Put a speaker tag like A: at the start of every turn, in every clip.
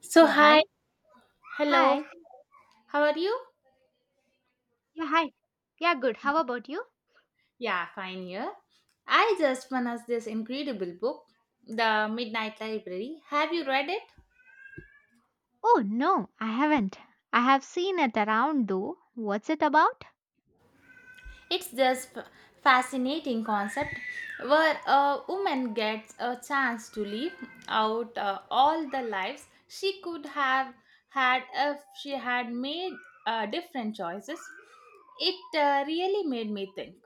A: So,
B: Yeah, hi.
A: hi, hello,
B: Hi.
A: how are you?
B: Yeah, hi. Yeah, good. How about you?
A: Yeah, fine here. I just finished this incredible book, The Midnight Library. Have you read it?
B: Oh, no, I haven't. I have seen it around though. What's it about?
A: It's just fascinating concept where a woman gets a chance to live out all the lives she could have had if she had made different choices. It really made me think.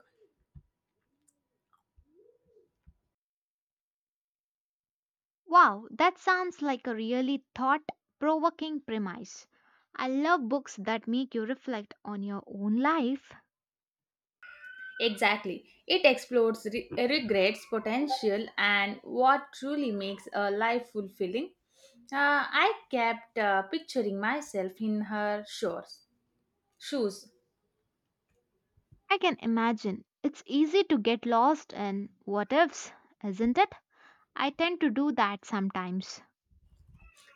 B: Wow, that sounds like a really thought provoking premise. I love books that make you reflect on your own life.
A: Exactly. It explores regrets, potential, and what truly makes a life fulfilling. I kept picturing myself in her shoes.
B: I can imagine. It's easy to get lost in what ifs, isn't it? I tend to do that sometimes.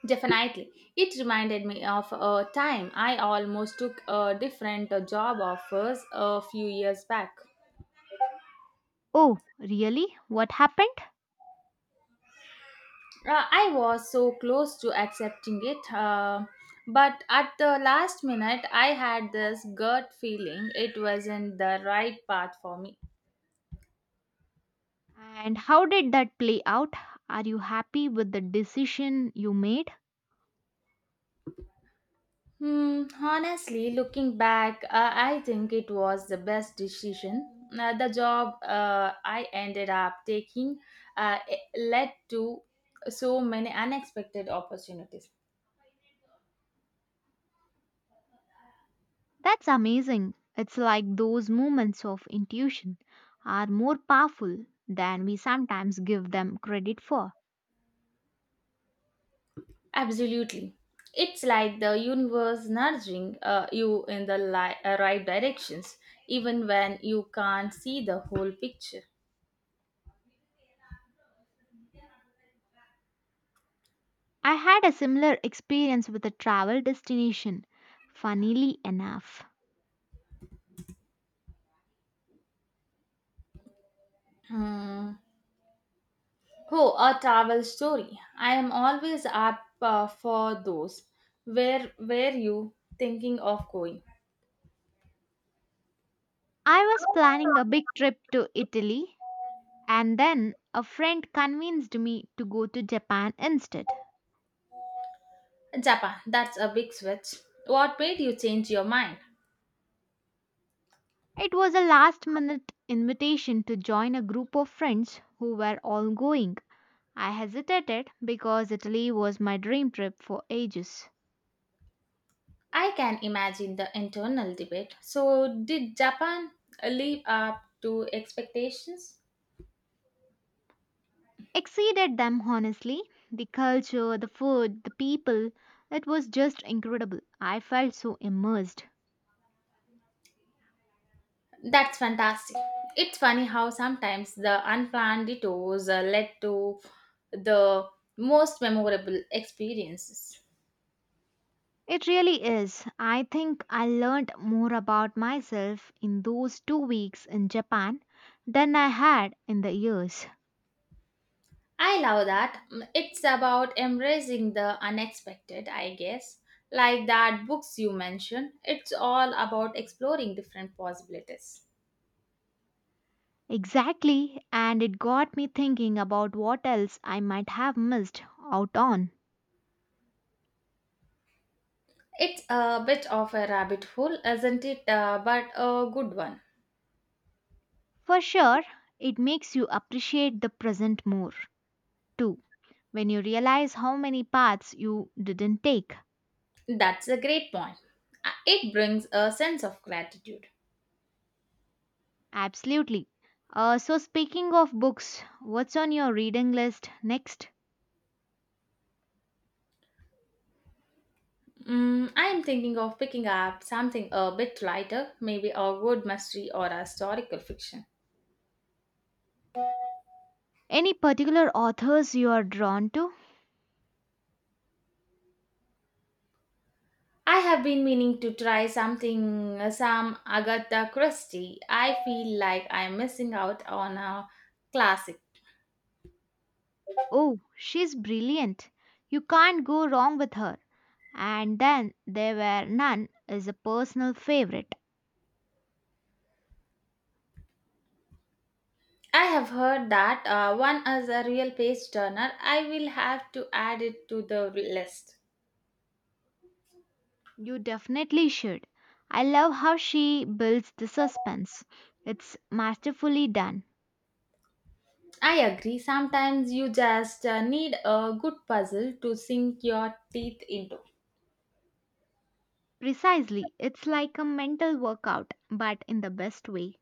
A: Definitely. It reminded me of a time I almost took a different job offers a few years back.
B: Oh, really? What happened?
A: I was so close to accepting it, but at the last minute, I had this gut feeling it wasn't the right path for me.
B: And how did that play out? Are you happy with the decision you made?
A: Hmm, honestly, looking back, I think it was the best decision. The job I ended up taking it led to so many unexpected opportunities.
B: That's amazing. It's like those moments of intuition are more powerful than we sometimes give them credit for.
A: Absolutely. It's like the universe nudging you in the right directions, even when you can't see the whole picture.
B: I had a similar experience with a travel destination, funnily enough.
A: Hmm. Oh, a travel story. I am always up for those. Where were you thinking of going?
B: I was planning a big trip to Italy, and then a friend convinced me to go to Japan instead.
A: Japan, that's a big switch. What made you change your mind?
B: It was a last minute invitation to join a group of friends who were all going. I hesitated because Italy was my dream trip for ages.
A: I can imagine the internal debate. So, did Japan live up to expectations?
B: Exceeded them honestly. The culture, the food, the people, it was just incredible. I felt so immersed.
A: That's fantastic. It's funny how sometimes the unplanned detours led to the most memorable experiences.
B: It really is. I think I learned more about myself in those 2 weeks in Japan than I had in the years.
A: I love that. Mm, it's about embracing the unexpected, I guess. Like that books you mentioned, it's all about exploring different possibilities.
B: Exactly, and it got me thinking about what else I might have missed out on.
A: It's a bit of a rabbit hole, isn't it? But a good one.
B: For sure, it makes you appreciate the present more, too, when you realize how many paths you didn't take.
A: That's a great point. It brings a sense of gratitude.
B: Absolutely. So, speaking of books, what's on your reading list next?
A: Mm, I am thinking of picking up something a bit lighter, maybe a good mystery or a historical fiction.
B: Any particular authors you are drawn to?
A: I have been meaning to try something, some Agatha Christie. I feel like I'm missing out on a classic.
B: Oh, she's brilliant. You can't go wrong with her. And Then There Were None is a personal favorite.
A: I have heard that one is a real page turner. I will have to add it to the list.
B: You definitely should. I love how she builds the suspense. It's masterfully done.
A: I agree. Sometimes you just need a good puzzle to sink your teeth into.
B: Precisely, it's like a mental workout, but in the best way.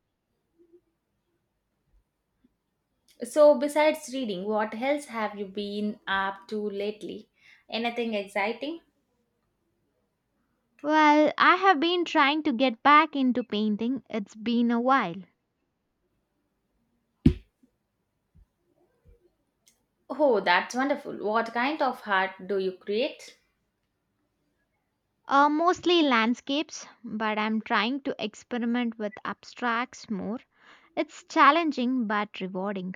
A: So, besides reading, what else have you been up to lately? Anything exciting?
B: Well, I have been trying to get back into painting. It's been a while.
A: Oh, that's wonderful. What kind of art do you create?
B: Mostly landscapes, but I'm trying to experiment with abstracts more. It's challenging but rewarding.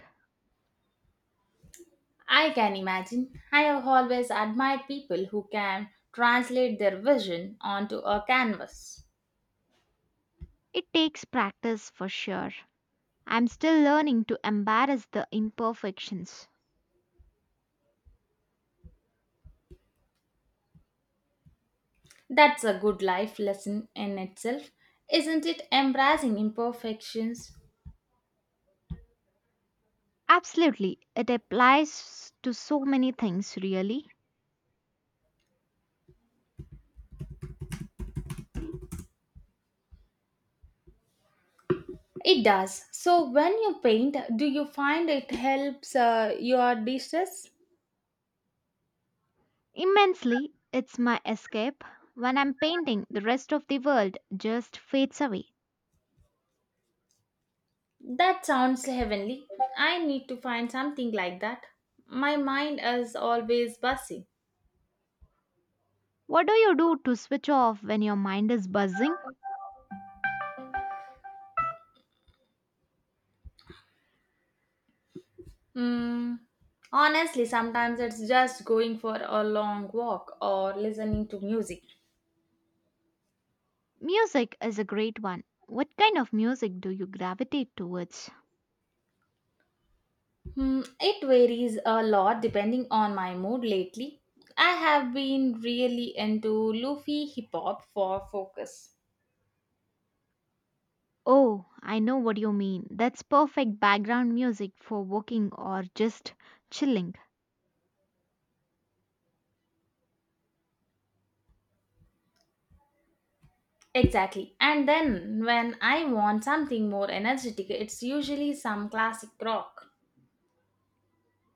A: I can imagine. I have always admired people who can translate their vision onto a canvas.
B: It takes practice for sure. I'm still learning to embrace the imperfections.
A: That's a good life lesson in itself, isn't it? Embracing imperfections.
B: Absolutely, it applies to so many things, really.
A: It does. So, when you paint, do you find it helps your distress?
B: Immensely, it's my escape. When I'm painting, the rest of the world just fades away.
A: That sounds heavenly. I need to find something like that. My mind is always busy.
B: What do you do to switch off when your mind is buzzing?
A: Mm, honestly, sometimes it's just going for a long walk or listening to music.
B: Music is a great one. What kind of music do you gravitate towards?
A: Hmm, it varies a lot depending on my mood lately. I have been really into loofy hip hop for focus.
B: Oh, I know what you mean. That's perfect background music for walking or just chilling.
A: Exactly. And then when I want something more energetic, it's usually some classic rock.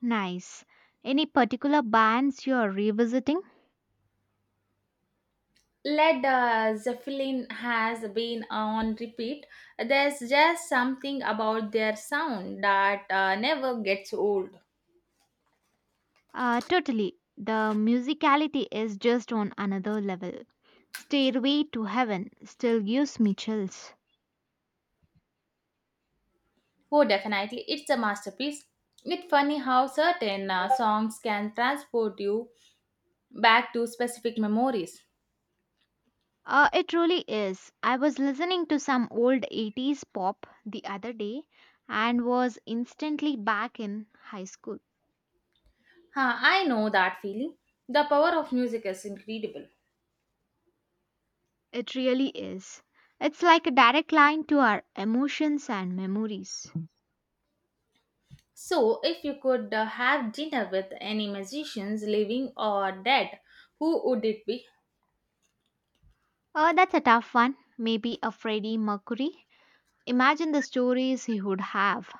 B: Nice. Any particular bands you are revisiting?
A: Led Zeppelin has been on repeat. There's just something about their sound that never gets old.
B: Totally. The musicality is just on another level. Stairway to Heaven still gives me chills.
A: Oh, definitely, it's a masterpiece. It's funny how certain songs can transport you back to specific memories.
B: It really is. I was listening to some old 80s pop the other day and was instantly back in high school.
A: Huh, I know that feeling. The power of music is incredible.
B: It really is. It's like a direct line to our emotions and memories.
A: So, if you could have dinner with any musicians, living or dead, who would it be?
B: That's a tough one. Maybe a Freddie Mercury. Imagine the stories he would have.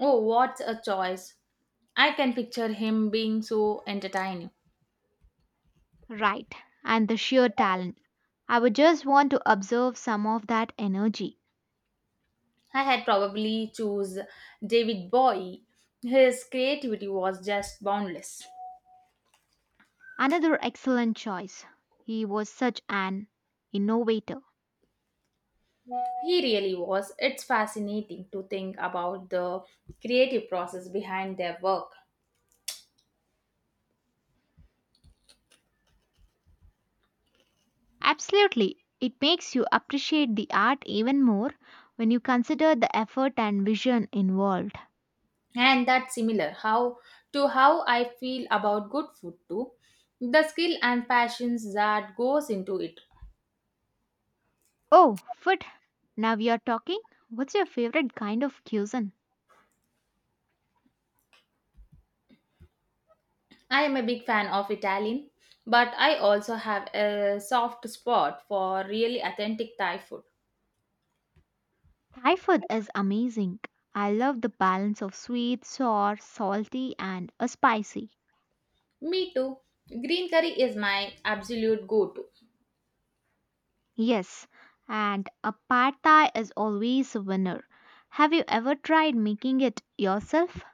A: Oh, what a choice. I can picture him being so entertaining.
B: Right, and the sheer talent. I would just want to observe some of that energy.
A: I had probably choose David Bowie. His creativity was just boundless.
B: Another excellent choice. He was such an innovator.
A: He really was. It's fascinating to think about the creative process behind their work.
B: Absolutely. It makes you appreciate the art even more when you consider the effort and vision involved.
A: And that's similar how to how I feel about good food too. The skill and passions that goes into it.
B: Oh, food. Now we are talking. What's your favorite kind of cuisine?
A: I am a big fan of Italian, but I also have a soft spot for really authentic Thai food.
B: Thai food is amazing. I love the balance of sweet, sour, salty, and spicy.
A: Me too. Green curry is my absolute go to.
B: Yes, and a pad thai is always a winner. Have you ever tried making it yourself?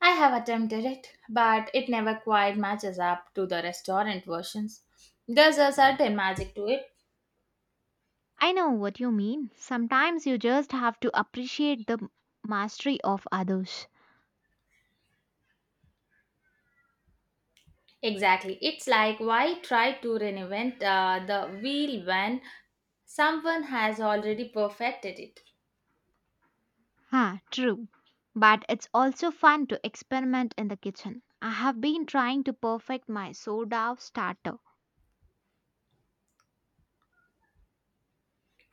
A: I have attempted it, but it never quite matches up to the restaurant versions. There's a certain magic to it.
B: I know what you mean. Sometimes you just have to appreciate the mastery of others.
A: Exactly. It's like why try to reinvent the wheel when someone has already perfected it.
B: Huh, true. But it's also fun to experiment in the kitchen. I have been trying to perfect my sourdough starter.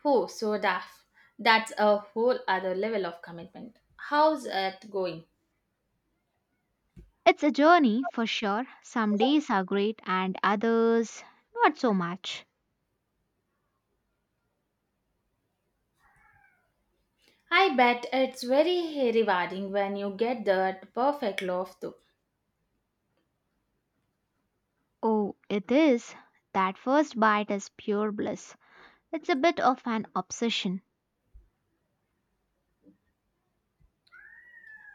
A: Oh, so daft. That's a whole other level of commitment. How's it going?
B: It's a journey for sure. Some days are great and others not so much.
A: I bet it's very rewarding when you get that perfect loaf, though.
B: Oh, it is. That first bite is pure bliss. It's a bit of an obsession.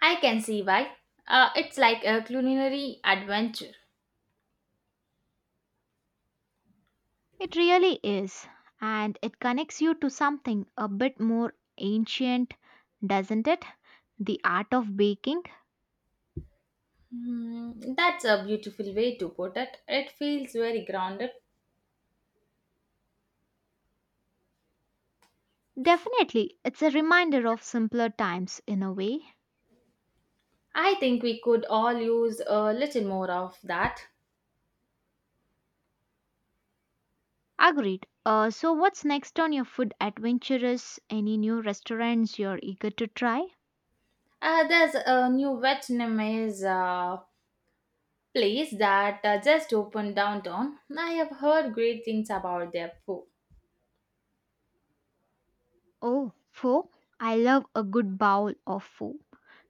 A: I can see why. It's like a culinary adventure.
B: It really is. And it connects you to something a bit more ancient, doesn't it? The art of baking.
A: Hmm, that's a beautiful way to put it. It feels very grounded.
B: Definitely, it's a reminder of simpler times in a way.
A: I think we could all use a little more of that.
B: Agreed. So, what's next on your food adventures? Any new restaurants you're eager to try?
A: There's a new Vietnamese place that just opened downtown. I have heard great things about their food.
B: Oh, pho. I love a good bowl of pho.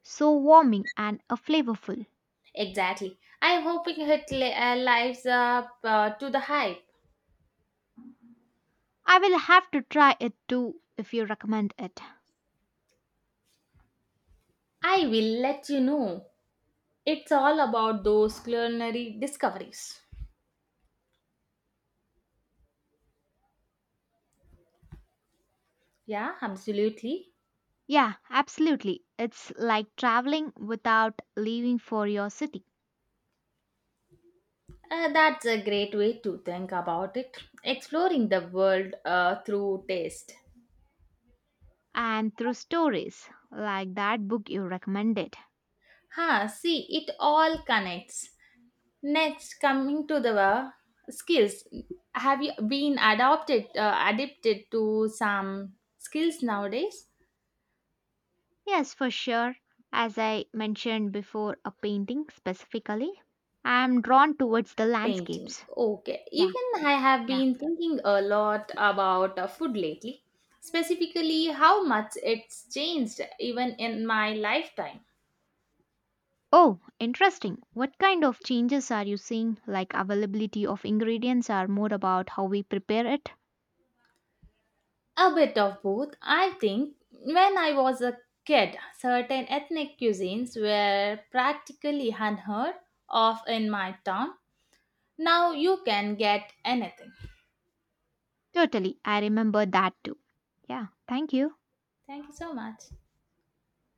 B: So warming and flavorful.
A: Exactly. I'm hoping it lives up to the hype.
B: I will have to try it too if you recommend it.
A: I will let you know. It's all about those culinary discoveries. Yeah, absolutely.
B: Yeah, absolutely. It's like traveling without leaving for your city
A: That's a great way to think about it. Exploring the world through taste.
B: and through stories like that book you recommended.
A: Huh, see, it all connects. Next, coming to the skills, have you been adopted adapted to some skills nowadays?
B: Yes, for sure. As I mentioned before, a painting specifically, I'm drawn towards the
A: Painting.
B: landscapes.
A: Okay.
B: Yeah,
A: Even I have
B: yeah.
A: been thinking a lot about food lately, specifically how much it's changed even in my lifetime.
B: Oh, interesting. What kind of changes are you seeing? Like availability of ingredients are more about how we prepare it?
A: A bit of both, I think. When I was a kid, certain ethnic cuisines were practically unheard of in my town. Now you can get anything.
B: Totally. I remember that too. Yeah, thank you.
A: Thank you so much.